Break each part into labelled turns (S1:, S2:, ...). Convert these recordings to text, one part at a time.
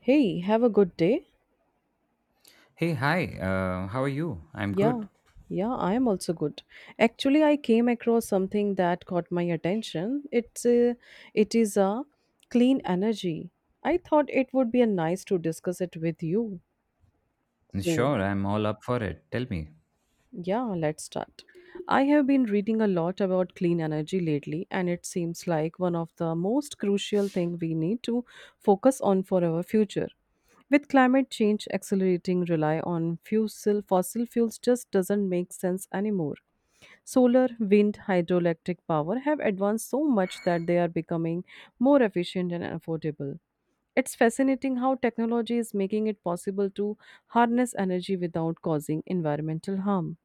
S1: Hey, have a good day.
S2: Hey, hi. How are you? I'm
S1: Yeah,
S2: good.
S1: yeah, I am also good. Actually, I came across something that caught my attention. It is a clean energy. I thought it would be a nice to discuss it with you. So,
S2: Sure, I'm all up for it. Tell me.
S1: yeah, let's start. I have been reading a lot about clean energy lately, and it seems like one of the most crucial thing we need to focus on for our future. With climate change accelerating, rely on fossil fuels just doesn't make sense anymore. Solar, wind, hydroelectric power have advanced so much that they are becoming more efficient and affordable. It's fascinating how technology is making it possible to harness energy without causing environmental harm.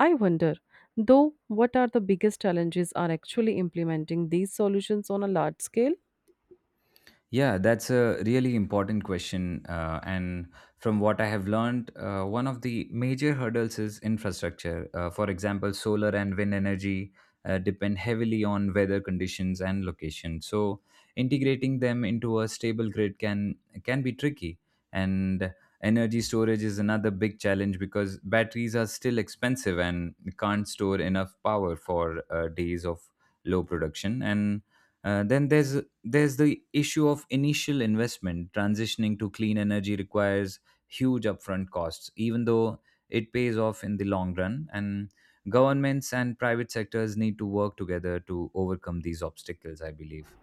S1: I wonder, though, what are the biggest challenges are actually implementing these solutions on a large scale?
S2: Yeah, that's a really important question. And from what I have learned, one of the major hurdles is infrastructure. For example, solar and wind energy depend heavily on weather conditions and location. So integrating them into a stable grid can be tricky. And energy storage is another big challenge because batteries are still expensive and can't store enough power for days of low production. And then there's the issue of initial investment. Transitioning to clean energy requires huge upfront costs, even though it pays off in the long run. And governments and private sectors need to work together to overcome these obstacles, I believe.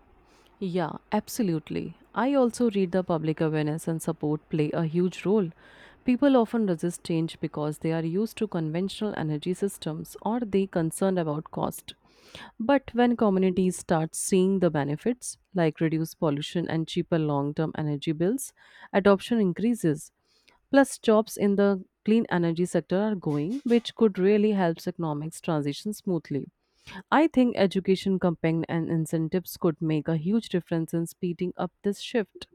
S1: Yeah, absolutely. I also read the public awareness and support play a huge role. People often resist change because they are used to conventional energy systems or they concerned about cost. But when communities start seeing the benefits like reduced pollution and cheaper long-term energy bills, adoption increases. Plus, jobs in the clean energy sector are going, which could really help economics transition smoothly. I think education campaign and incentives could make a huge difference in speeding up this shift.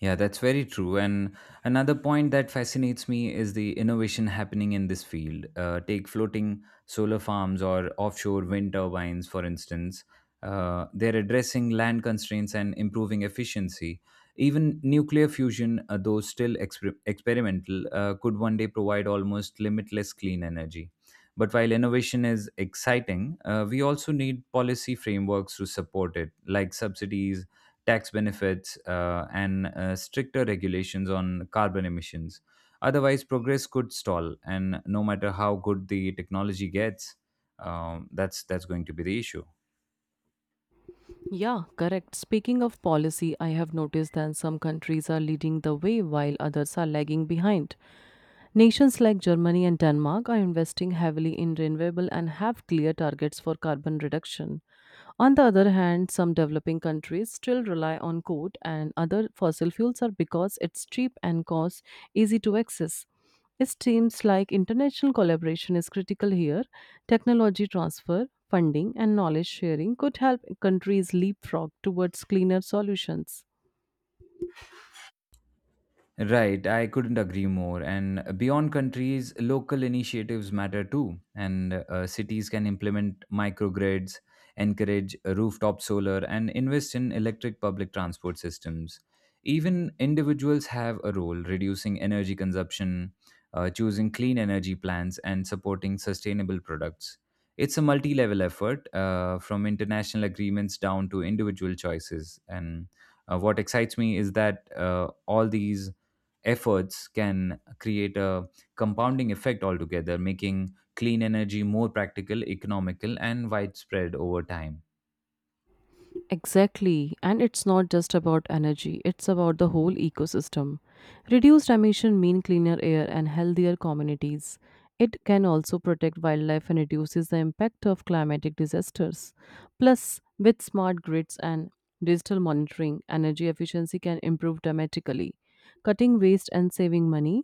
S2: Yeah, that's very true. And another point that fascinates me is the innovation happening in this field. Take floating solar farms or offshore wind turbines, for instance. They're addressing land constraints and improving efficiency. Even nuclear fusion, though still experimental, could one day provide almost limitless clean energy. But while innovation is exciting, we also need policy frameworks to support it, like subsidies, tax benefits, and stricter regulations on carbon emissions. Otherwise, progress could stall, and no matter how good the technology gets, that's going to be the issue.
S1: Yeah, correct. Speaking of policy, I have noticed that some countries are leading the way while others are lagging behind. Nations like Germany and Denmark are investing heavily in renewable and have clear targets for carbon reduction. On the other hand, some developing countries still rely on coal and other fossil fuels are because it's cheap and costs easy to access. It seems like international collaboration is critical here. Technology transfer, funding, and knowledge sharing could help countries leapfrog towards cleaner solutions.
S2: Right, I couldn't agree more. And beyond countries, local initiatives matter too. And Cities can implement microgrids, encourage rooftop solar, and invest in electric public transport systems. Even individuals have a role reducing energy consumption, choosing clean energy plans, and supporting sustainable products. It's a multi level effort from international agreements down to individual choices. And What excites me is that all these efforts can create a compounding effect altogether, making clean energy more practical, economical, and widespread over time.
S1: Exactly. And it's not just about energy, it's about the whole ecosystem. Reduced emission mean cleaner air and healthier communities. It can also protect wildlife and reduces the impact of climatic disasters. Plus, with smart grids and digital monitoring, energy efficiency can improve dramatically, cutting waste and saving money.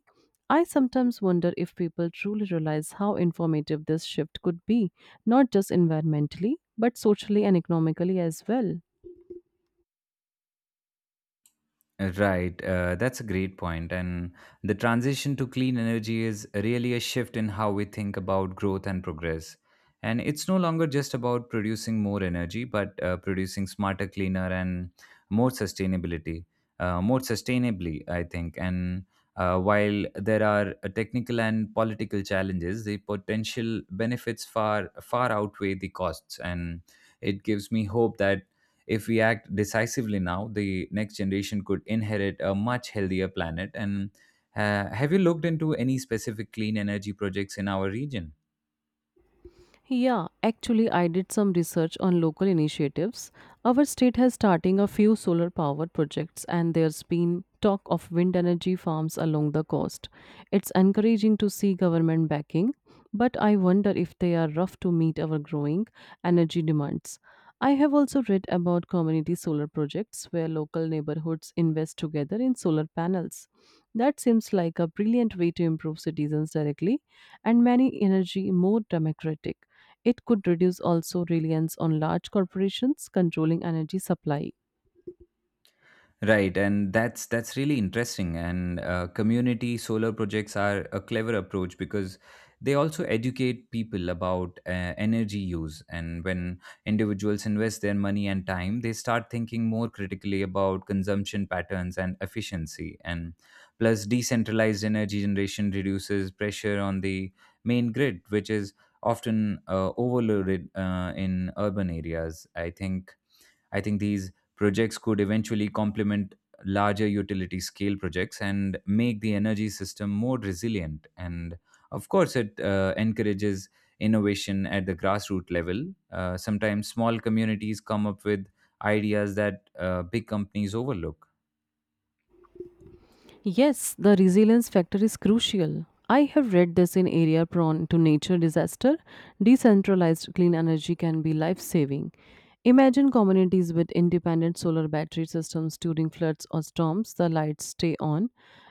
S1: I sometimes wonder if people truly realize how informative this shift could be, not just environmentally, but socially and economically as well.
S2: Right, that's a great point. And the transition to clean energy is really a shift in how we think about growth and progress. And it's no longer just about producing more energy, but producing smarter, cleaner, and more sustainability, more sustainably, I think. And while there are technical and political challenges, the potential benefits far outweigh the costs, and it gives me hope that if we act decisively now, the next generation could inherit a much healthier planet. And have you looked into any specific clean energy projects in our region?
S1: Yeah, actually, I did some research on local initiatives. Our state has starting a few solar powered projects, and there's been talk of wind energy farms along the coast. It's encouraging to see government backing, but I wonder if they are rough to meet our growing energy demands. I have also read about community solar projects where local neighborhoods invest together in solar panels. That seems like a brilliant way to improve citizens directly and many energy more democratic. It could reduce also reliance on large corporations controlling energy supply.
S2: Right, and that's really interesting. And Community solar projects are a clever approach because they also educate people about energy use. And when individuals invest their money and time, they start thinking more critically about consumption patterns and efficiency. And plus, decentralized energy generation reduces pressure on the main grid, which is often overloaded in urban areas. I think these projects could eventually complement larger utility scale projects and make the energy system more resilient. And of course, it encourages innovation at the grassroots level. Sometimes small communities come up with ideas that big companies overlook.
S1: Yes, the resilience factor is crucial. I have read this in area prone to nature disaster, decentralized clean energy can be life-saving. Imagine communities with independent solar battery systems during floods or storms, the lights stay on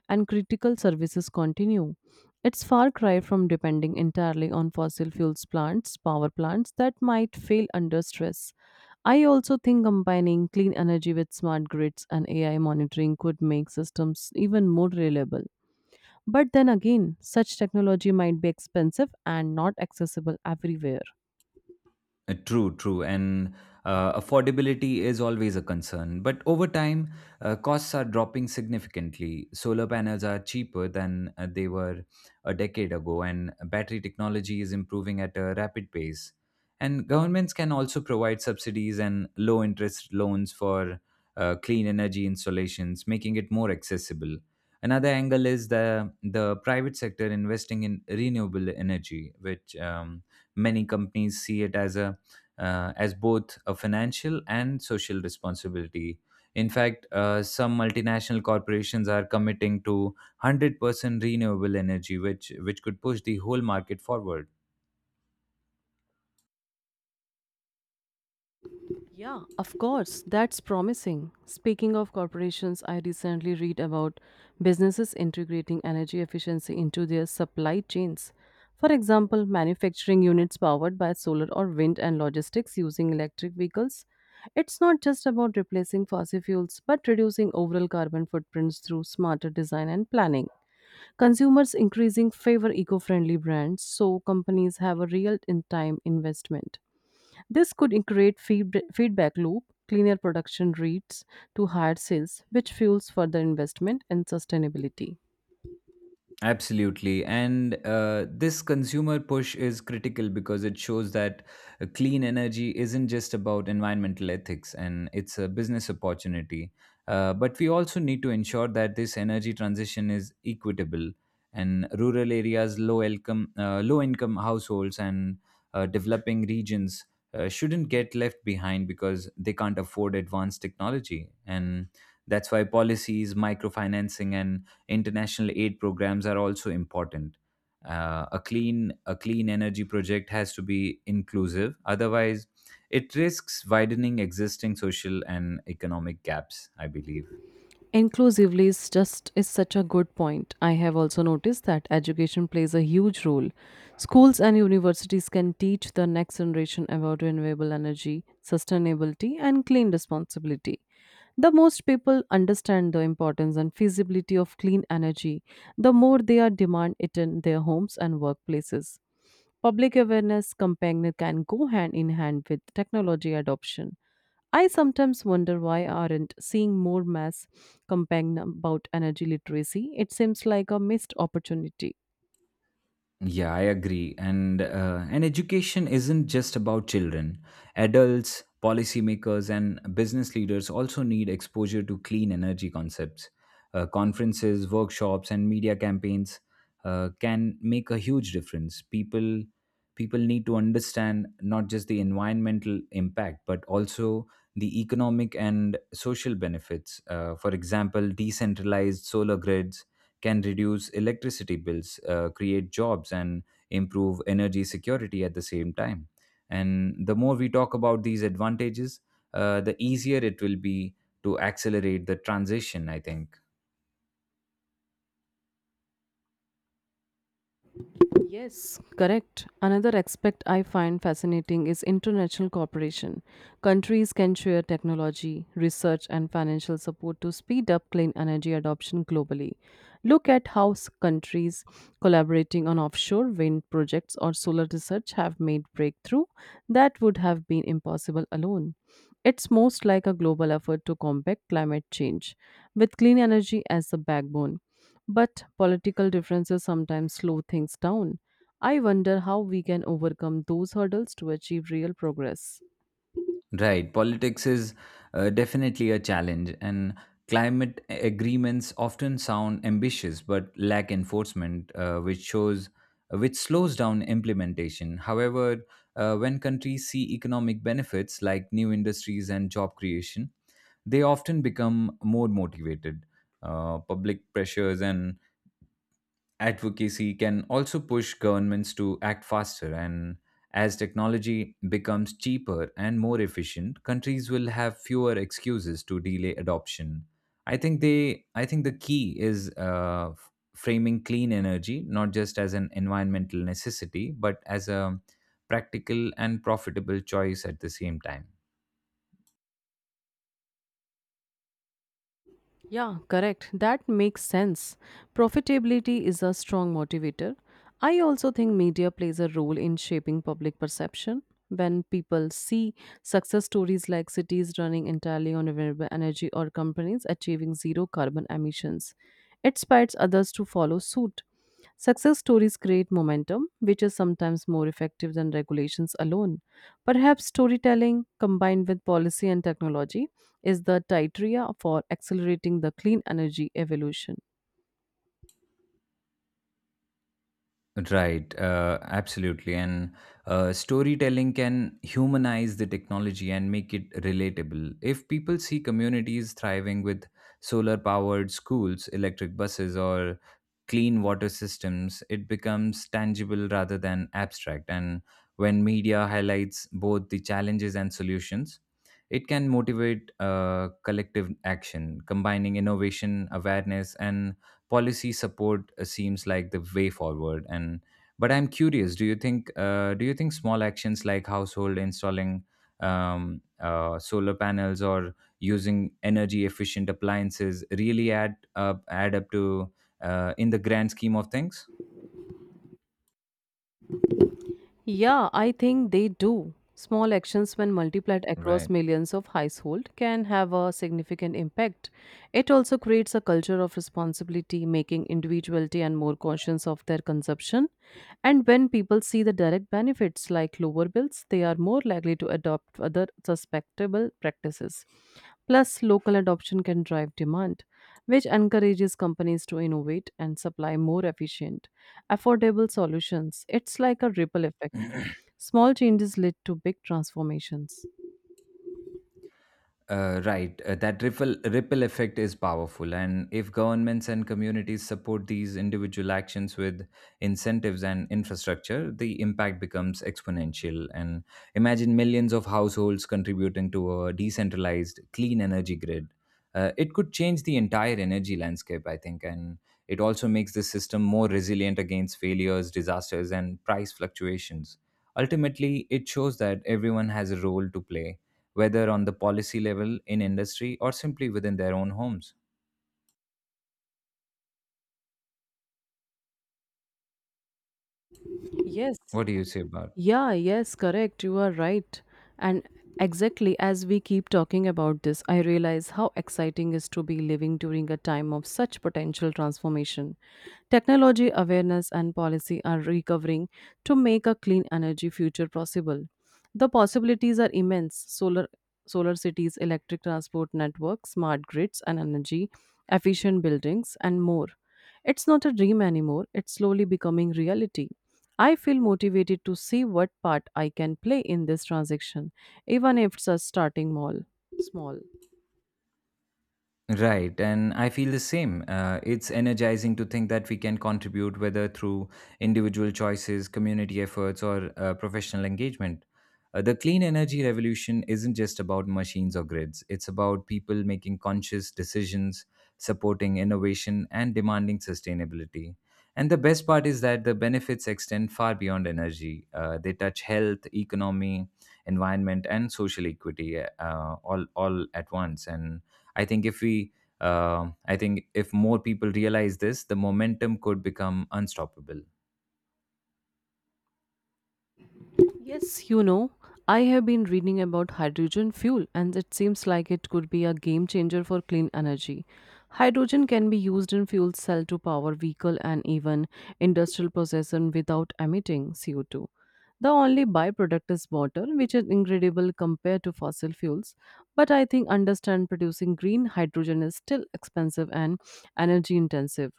S1: and critical services continue. It's far cry from depending entirely on fossil fuels plants, power plants that might fail under stress. I also think combining clean energy with smart grids and AI monitoring could make systems even more reliable. But then again, such technology might be expensive and not accessible everywhere.
S2: True, true. And affordability is always a concern. But over time, costs are dropping significantly. Solar panels are cheaper than they were a decade ago, and battery technology is improving at a rapid pace. And governments can also provide subsidies and low interest loans for clean energy installations, making it more accessible. Another angle is the private sector investing in renewable energy, which many companies see it as a as both a financial and social responsibility. In fact, some multinational corporations are committing to 100% renewable energy, which could push the whole market forward.
S1: Yeah, of course. That's promising. Speaking of corporations, I recently read about businesses integrating energy efficiency into their supply chains. For example, manufacturing units powered by solar or wind and logistics using electric vehicles. It's not just about replacing fossil fuels, but reducing overall carbon footprints through smarter design and planning. Consumers increasing favor eco-friendly brands, so companies have a real in-time investment. This could create feedback loop, cleaner production rates to higher sales, which fuels further investment and sustainability.
S2: Absolutely. And this consumer push is critical because it shows that clean energy isn't just about environmental ethics and it's a business opportunity. But we also need to ensure that this energy transition is equitable and rural areas, low income households, and developing regions shouldn't get left behind because they can't afford advanced technology. And that's why policies, microfinancing, and international aid programs are also important. A clean energy project has to be inclusive, otherwise it risks widening existing social and economic gaps, I believe.
S1: Inclusively is such a good point. I have also noticed that education plays a huge role. Schools and universities can teach the next generation about renewable energy, sustainability, and clean responsibility. The most people understand the importance and feasibility of clean energy, the more they are demand it in their homes and workplaces. Public awareness campaign can go hand in hand with technology adoption. I sometimes wonder why aren't seeing more mass campaign about energy literacy. It seems like a missed opportunity.
S2: Yeah, I agree. And education isn't just about children. Adults, policymakers, and business leaders also need exposure to clean energy concepts. Conferences, workshops, and media campaigns can make a huge difference. People need to understand not just the environmental impact but also the economic and social benefits. For example, decentralized solar grids can reduce electricity bills, create jobs, and improve energy security at the same time. And the more we talk about these advantages, the easier it will be to accelerate the transition, I think.
S1: Yes, correct. Another aspect I find fascinating is international cooperation. Countries can share technology, research, and financial support to speed up clean energy adoption globally. Look at how countries collaborating on offshore wind projects or solar research have made breakthrough that would have been impossible alone. It's most like a global effort to combat climate change with clean energy as the backbone. But political differences sometimes slow things down. I wonder how we can overcome those hurdles to achieve real progress.
S2: Right. Politics is definitely a challenge, and climate agreements often sound ambitious but lack enforcement, which shows which slows down implementation. However, when countries see economic benefits like new industries and job creation, they often become more motivated. Public pressures and advocacy can also push governments to act faster, and as technology becomes cheaper and more efficient, countries will have fewer excuses to delay adoption. I think the key is framing clean energy not just as an environmental necessity but as a practical and profitable choice at the same time.
S1: Yeah, correct. That makes sense. Profitability is a strong motivator. I also think media plays a role in shaping public perception. When people see success stories like cities running entirely on renewable energy or companies achieving zero carbon emissions, it inspires others to follow suit. Success stories create momentum, which is sometimes more effective than regulations alone. Perhaps storytelling combined with policy and technology is the criteria for accelerating the clean energy evolution.
S2: Right, absolutely. And storytelling can humanize the technology and make it relatable. If people see communities thriving with solar powered schools, electric buses, or clean water systems, it becomes tangible rather than abstract. And when media highlights both the challenges and solutions, it can motivate collective action. Combining innovation, awareness, and policy support seems like the way forward. And but I'm curious, do you think small actions like household installing solar panels or using energy efficient appliances really add up to in the grand scheme of things?
S1: Yeah, I think they do. Small actions, when multiplied across
S2: Right.
S1: millions of households, can have a significant impact. It also creates a culture of responsibility, making individuality and more conscious of their consumption. And when people see the direct benefits like lower bills, they are more likely to adopt other suspectable practices. Plus, local adoption can drive demand, which encourages companies to innovate and supply more efficient, affordable solutions. It's like a ripple effect. Small changes lead to big transformations.
S2: That ripple effect is powerful, and if governments and communities support these individual actions with incentives and infrastructure, the impact becomes exponential. And imagine millions of households contributing to a decentralized clean energy grid. It could change the entire energy landscape, I think, and it also makes the system more resilient against failures, disasters, and price fluctuations. Ultimately, it shows that everyone has a role to play, whether on the policy level, in industry, or simply within their own homes.
S1: Yes.
S2: What do you say about?
S1: Yeah, yes, correct. You are right. And exactly as we keep talking about this, I realize how exciting is to be living during a time of such potential transformation. Technology awareness and policy are recovering to make a clean energy future possible. The possibilities are immense. Solar cities, electric transport networks, smart grids and energy efficient buildings and more. It's not a dream anymore. It's slowly becoming reality. I feel motivated to see what part I can play in this transaction, even if it's a starting mall small.
S2: Right, and I feel the same. It's energizing to think that we can contribute, whether through individual choices, community efforts, or professional engagement. The clean energy revolution isn't just about machines or grids, it's about people making conscious decisions, supporting innovation, and demanding sustainability. And the best part is that the benefits extend far beyond energy. They touch health, economy, environment, and social equity, all at once. And I think if we, uh, I think if more people realize this, the momentum could become unstoppable.
S1: Yes, you know, I have been reading about hydrogen fuel and it seems like it could be a game changer for clean energy. Hydrogen can be used in fuel cell to power vehicle and even industrial processes without emitting CO2. The only byproduct is water, which is incredible compared to fossil fuels, but I think understand producing green hydrogen is still expensive and energy intensive.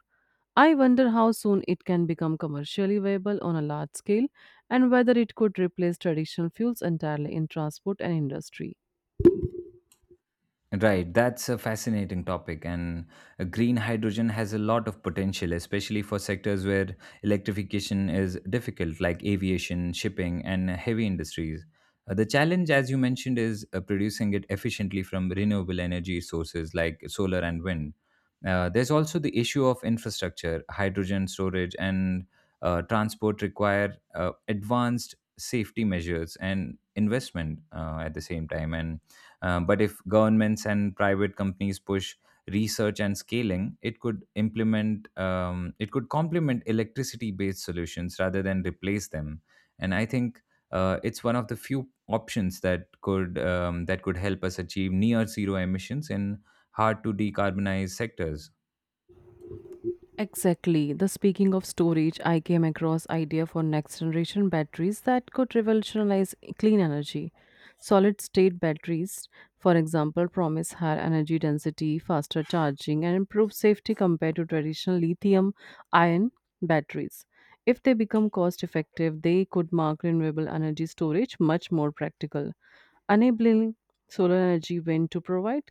S1: I wonder how soon it can become commercially viable on a large scale and whether it could replace traditional fuels entirely in transport and industry.
S2: Right, that's a fascinating topic, and green hydrogen has a lot of potential, especially for sectors where electrification is difficult, like aviation, shipping, and heavy industries. The challenge, as you mentioned, is producing it efficiently from renewable energy sources like solar and wind. There's also the issue of infrastructure, hydrogen storage, and transport require advanced safety measures and investment at the same time, and but if governments and private companies push research and scaling, it could complement electricity-based solutions rather than replace them. And I think it's one of the few options that could help us achieve near zero emissions in hard to decarbonize sectors.
S1: Exactly. The speaking of storage, I came across idea for next generation batteries that could revolutionize clean energy. Solid state batteries, for example, promise higher energy density, faster charging, and improved safety compared to traditional lithium ion batteries. If they become cost effective, they could mark renewable energy storage much more practical, enabling solar energy wind to provide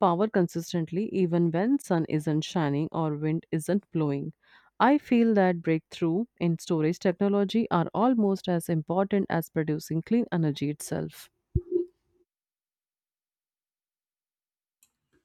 S1: power consistently even when sun isn't shining or wind isn't blowing. I feel that breakthrough in storage technology are almost as important as producing clean energy itself.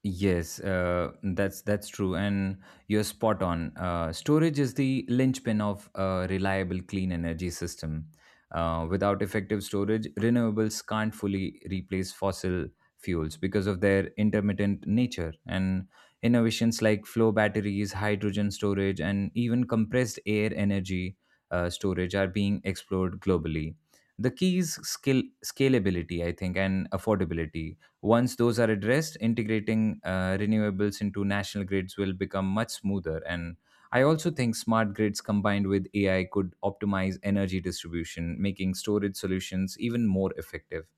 S2: Yes, that's true, and you're spot on. Storage is the linchpin of a reliable clean energy system. Without effective storage, renewables can't fully replace fossil fuels because of their intermittent nature. And innovations like flow batteries, hydrogen storage, and even compressed air energy storage are being explored globally. The key is skill scalability, I think, and affordability. Once those are addressed, integrating renewables into national grids will become much smoother. And I also think smart grids combined with AI could optimize energy distribution, making storage solutions even more effective.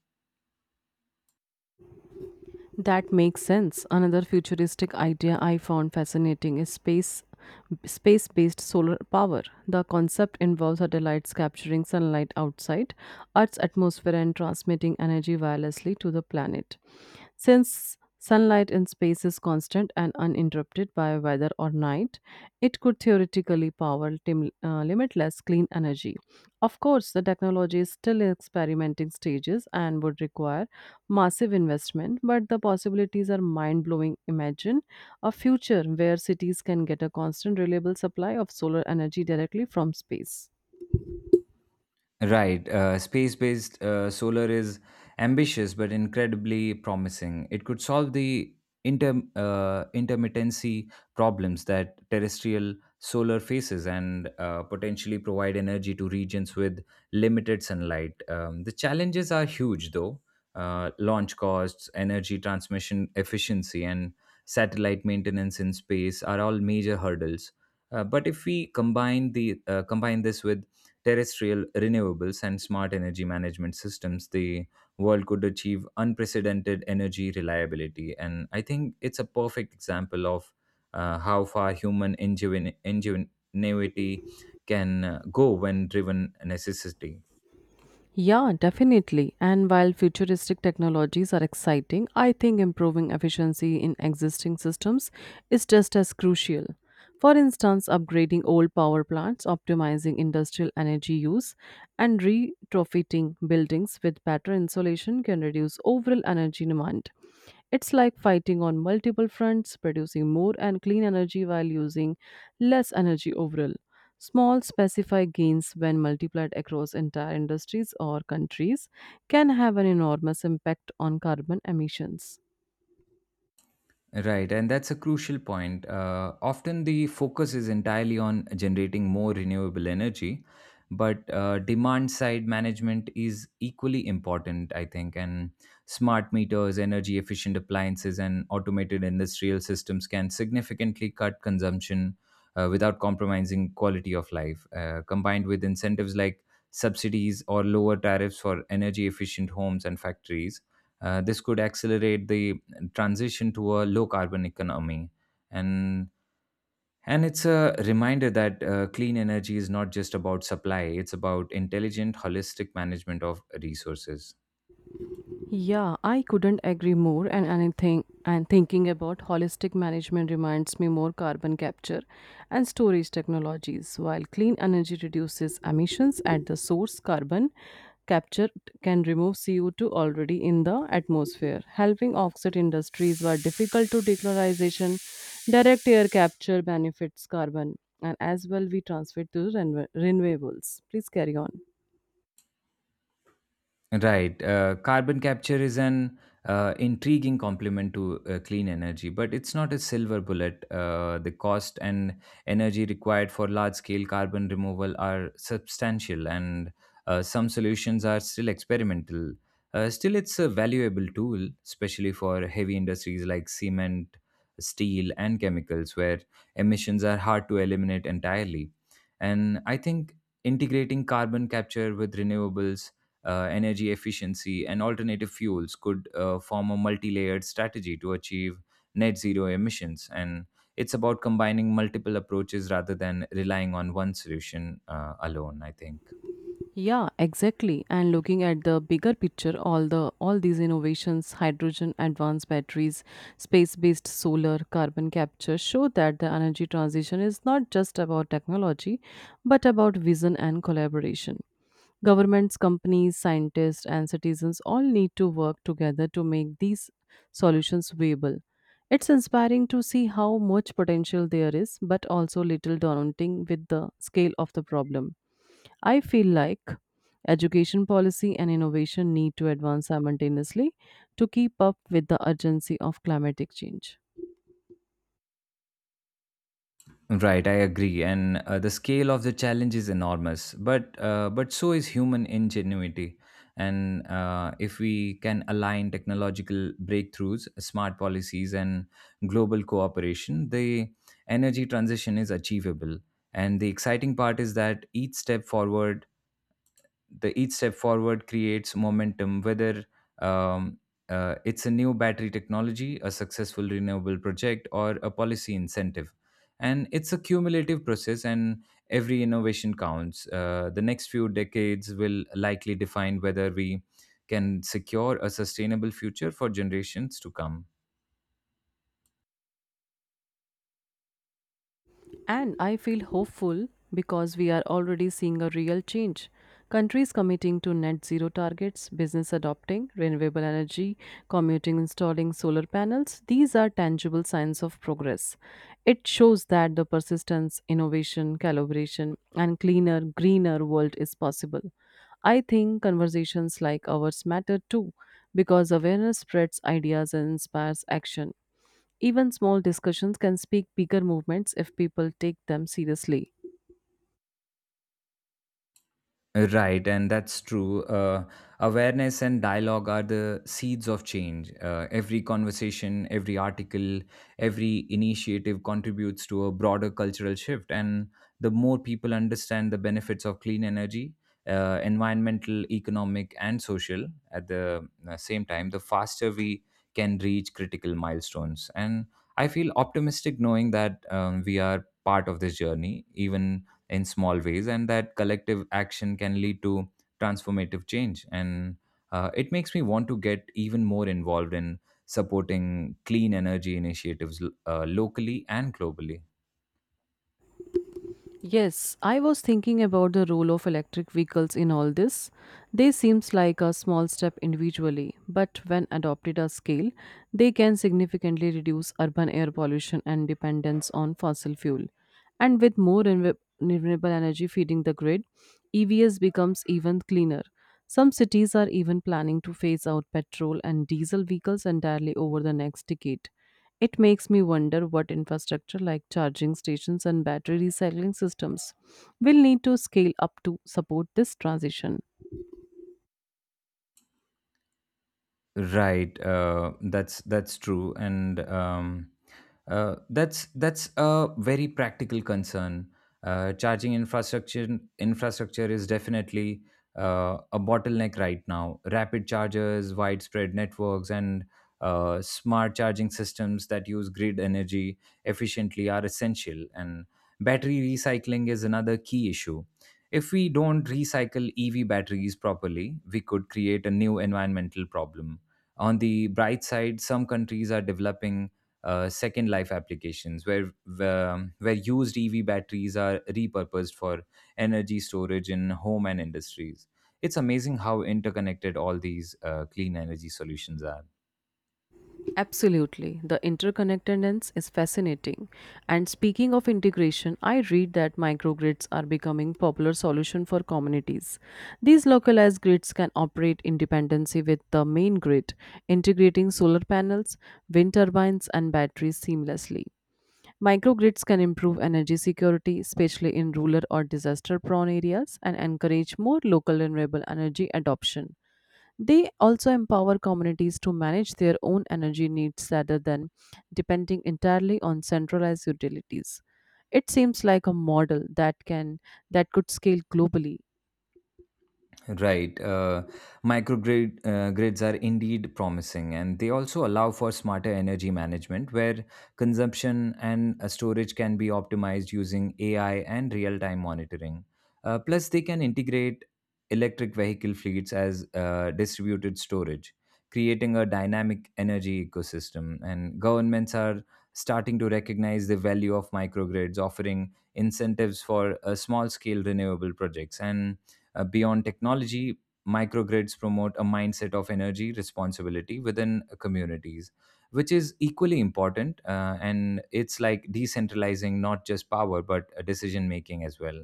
S1: That makes sense. Another futuristic idea I found fascinating is space based solar power. The concept involves satellites capturing sunlight outside Earth's atmosphere and transmitting energy wirelessly to the planet. Since sunlight in space is constant and uninterrupted by weather or night, it could theoretically power limitless clean energy. Of course, the technology is still in experimenting stages and would require massive investment, but the possibilities are mind blowing. Imagine a future where cities can get a constant, reliable supply of solar energy directly from space.
S2: Right. Space based solar is ambitious but incredibly promising. It could solve the intermittency problems that terrestrial solar faces and potentially provide energy to regions with limited sunlight. The challenges are huge, though: launch costs, energy transmission efficiency, and satellite maintenance in space are all major hurdles. But if we combine this with terrestrial renewables, and smart energy management systems, the world could achieve unprecedented energy reliability. And I think it's a perfect example of how far ingenuity can go when driven necessity.
S1: Yeah, definitely. And while futuristic technologies are exciting, I think improving efficiency in existing systems is just as crucial. For instance, upgrading old power plants, optimizing industrial energy use, and retrofitting buildings with better insulation can reduce overall energy demand. It's like fighting on multiple fronts, producing more and clean energy while using less energy overall. Small specified gains, when multiplied across entire industries or countries, can have an enormous impact on carbon emissions.
S2: Right, and that's a crucial point. Often the focus is entirely on generating more renewable energy, but demand side management is equally important, I think. And smart meters, energy efficient appliances, and automated industrial systems can significantly cut consumption without compromising quality of life. Combined with incentives like subsidies or lower tariffs for energy efficient homes and factories, this could accelerate the transition to a low carbon economy, and and it's a reminder that clean energy is not just about supply, it's about intelligent holistic management of resources.
S1: Yeah, I couldn't agree more. And anything and thinking about holistic management reminds me more carbon capture and storage technologies. While clean energy reduces emissions at the source, carbon capture can remove CO2 already in the atmosphere, helping offset industries were difficult to decarbonization. Direct air capture benefits carbon and as well we transfer to renewables. Please carry on.
S2: Right. Carbon capture is an intriguing complement to clean energy, but it's not a silver bullet. The cost and energy required for large scale carbon removal are substantial, and some solutions are still experimental. Still, it's a valuable tool, especially for heavy industries like cement, steel, and chemicals, where emissions are hard to eliminate entirely. And I think integrating carbon capture with renewables, energy efficiency, and alternative fuels could form a multi layered strategy to achieve net zero emissions. And it's about combining multiple approaches rather than relying on one solution alone, I think.
S1: Yeah, exactly. And looking at the bigger picture, all these innovations, hydrogen, advanced batteries, space-based solar, carbon capture show that the energy transition is not just about technology, but about vision and collaboration. Governments, companies, scientists, and citizens all need to work together to make these solutions viable. It's inspiring to see how much potential there is, but also little daunting with the scale of the problem. I feel like education policy and innovation need to advance simultaneously to keep up with the urgency of climatic change.
S2: Right, I agree, and the scale of the challenge is enormous. But so is human ingenuity, and if we can align technological breakthroughs, smart policies, and global cooperation, the energy transition is achievable. And the exciting part is that each step forward creates momentum, whether um, it's a new battery technology, a successful renewable project, or a policy incentive. And it's a cumulative process, and every innovation counts. The next few decades will likely define whether we can secure a sustainable future for generations to come.
S1: And I feel hopeful because we are already seeing a real change. Countries committing to net zero targets, business adopting renewable energy, commuting installing solar panels, these are tangible signs of progress. It shows that the persistence, innovation, calibration, and cleaner, greener world is possible. I think conversations like ours matter too because awareness spreads ideas and inspires action. Even small discussions can speak bigger movements if people take them seriously.
S2: Right, and that's true. Awareness and dialogue are the seeds of change. Every conversation, every article, every initiative contributes to a broader cultural shift. And the more people understand the benefits of clean energy, environmental, economic, and social, at the same time, the faster we can reach critical milestones. And I feel optimistic knowing that we are part of this journey, even in small ways, and that collective action can lead to transformative change, and it makes me want to get even more involved in supporting clean energy initiatives locally and globally.
S1: Yes, I was thinking about the role of electric vehicles in all this. They seems like a small step individually, but when adopted at scale, they can significantly reduce urban air pollution and dependence on fossil fuel. And with more renewable energy feeding the grid, EVs becomes even cleaner. Some cities are even planning to phase out petrol and diesel vehicles entirely over the next decade. It makes me wonder what infrastructure like charging stations and battery recycling systems will need to scale up to support this transition.
S2: Right, that's true, and that's a very practical concern. Charging infrastructure is definitely a bottleneck right now. Rapid chargers, widespread networks, and smart charging systems that use grid energy efficiently are essential. And battery recycling is another key issue. If we don't recycle EV batteries properly, we could create a new environmental problem. On the bright side, some countries are developing second life applications where used EV batteries are repurposed for energy storage in home and industries. It's amazing how interconnected all these clean energy solutions are.
S1: Absolutely, the interconnectedness is fascinating. And speaking of integration, I read that microgrids are becoming popular solution for communities. These localized grids can operate in dependency with the main grid, integrating solar panels, wind turbines and batteries seamlessly. Microgrids can improve energy security, especially in rural or disaster prone areas, and encourage more local renewable energy adoption. They also empower communities to manage their own energy needs rather than depending entirely on centralized utilities. It seems like a model that could scale globally.
S2: Right. Microgrid grids are indeed promising, and they also allow for smarter energy management, where consumption and storage can be optimized using AI and real-time monitoring. Plus, they can integrate electric vehicle fleets as distributed storage, creating a dynamic energy ecosystem. And governments are starting to recognize the value of microgrids, offering incentives for small-scale renewable projects, and beyond technology, microgrids promote a mindset of energy responsibility within communities, which is equally important. And it's like decentralizing not just power, but decision making as well.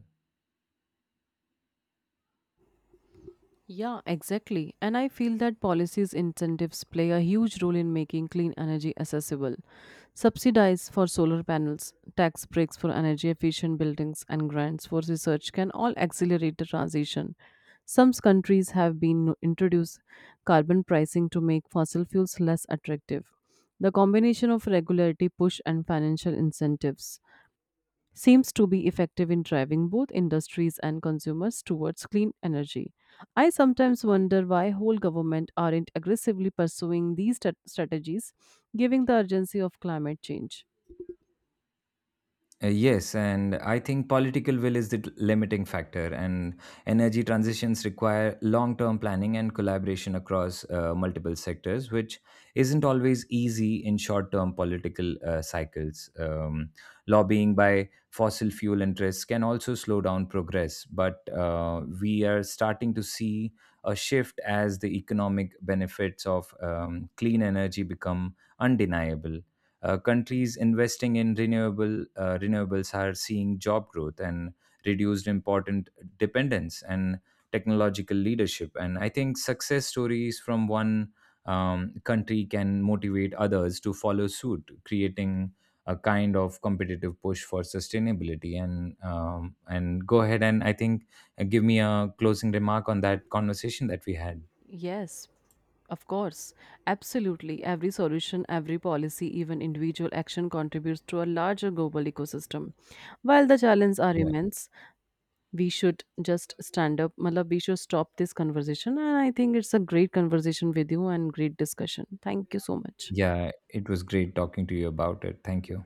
S1: Yeah, exactly. And I feel that policies incentives play a huge role in making clean energy accessible. Subsidies for solar panels, tax breaks for energy efficient buildings, and grants for research can all accelerate the transition. Some countries have been no, introduced carbon pricing to make fossil fuels less attractive. The combination of regulatory push and financial incentives seems to be effective in driving both industries and consumers towards clean energy. I sometimes wonder why whole government aren't aggressively pursuing these strategies given the urgency of climate change.
S2: Yes, and I think political will is limiting factor, and energy transitions require long term planning and collaboration across multiple sectors, which isn't always easy in short term political cycles. Lobbying by fossil fuel interests can also slow down progress, but we are starting to see a shift as the economic benefits of clean energy become undeniable. Countries investing in renewables are seeing job growth and reduced important dependence and technological leadership. And I think success stories from one country can motivate others to follow suit, creating a kind of competitive push for sustainability. And go ahead, and I think give me a closing remark on that conversation that we had.
S1: Yes, of course. Absolutely. Every solution, every policy, even individual action contributes to a larger global ecosystem. While the challenges are
S2: Yeah,
S1: immense, we should just stand up. Malab, we should stop this conversation. And I think it's a great conversation with you and great discussion. Thank you so much.
S2: yeah, it was great talking to you about it. Thank you.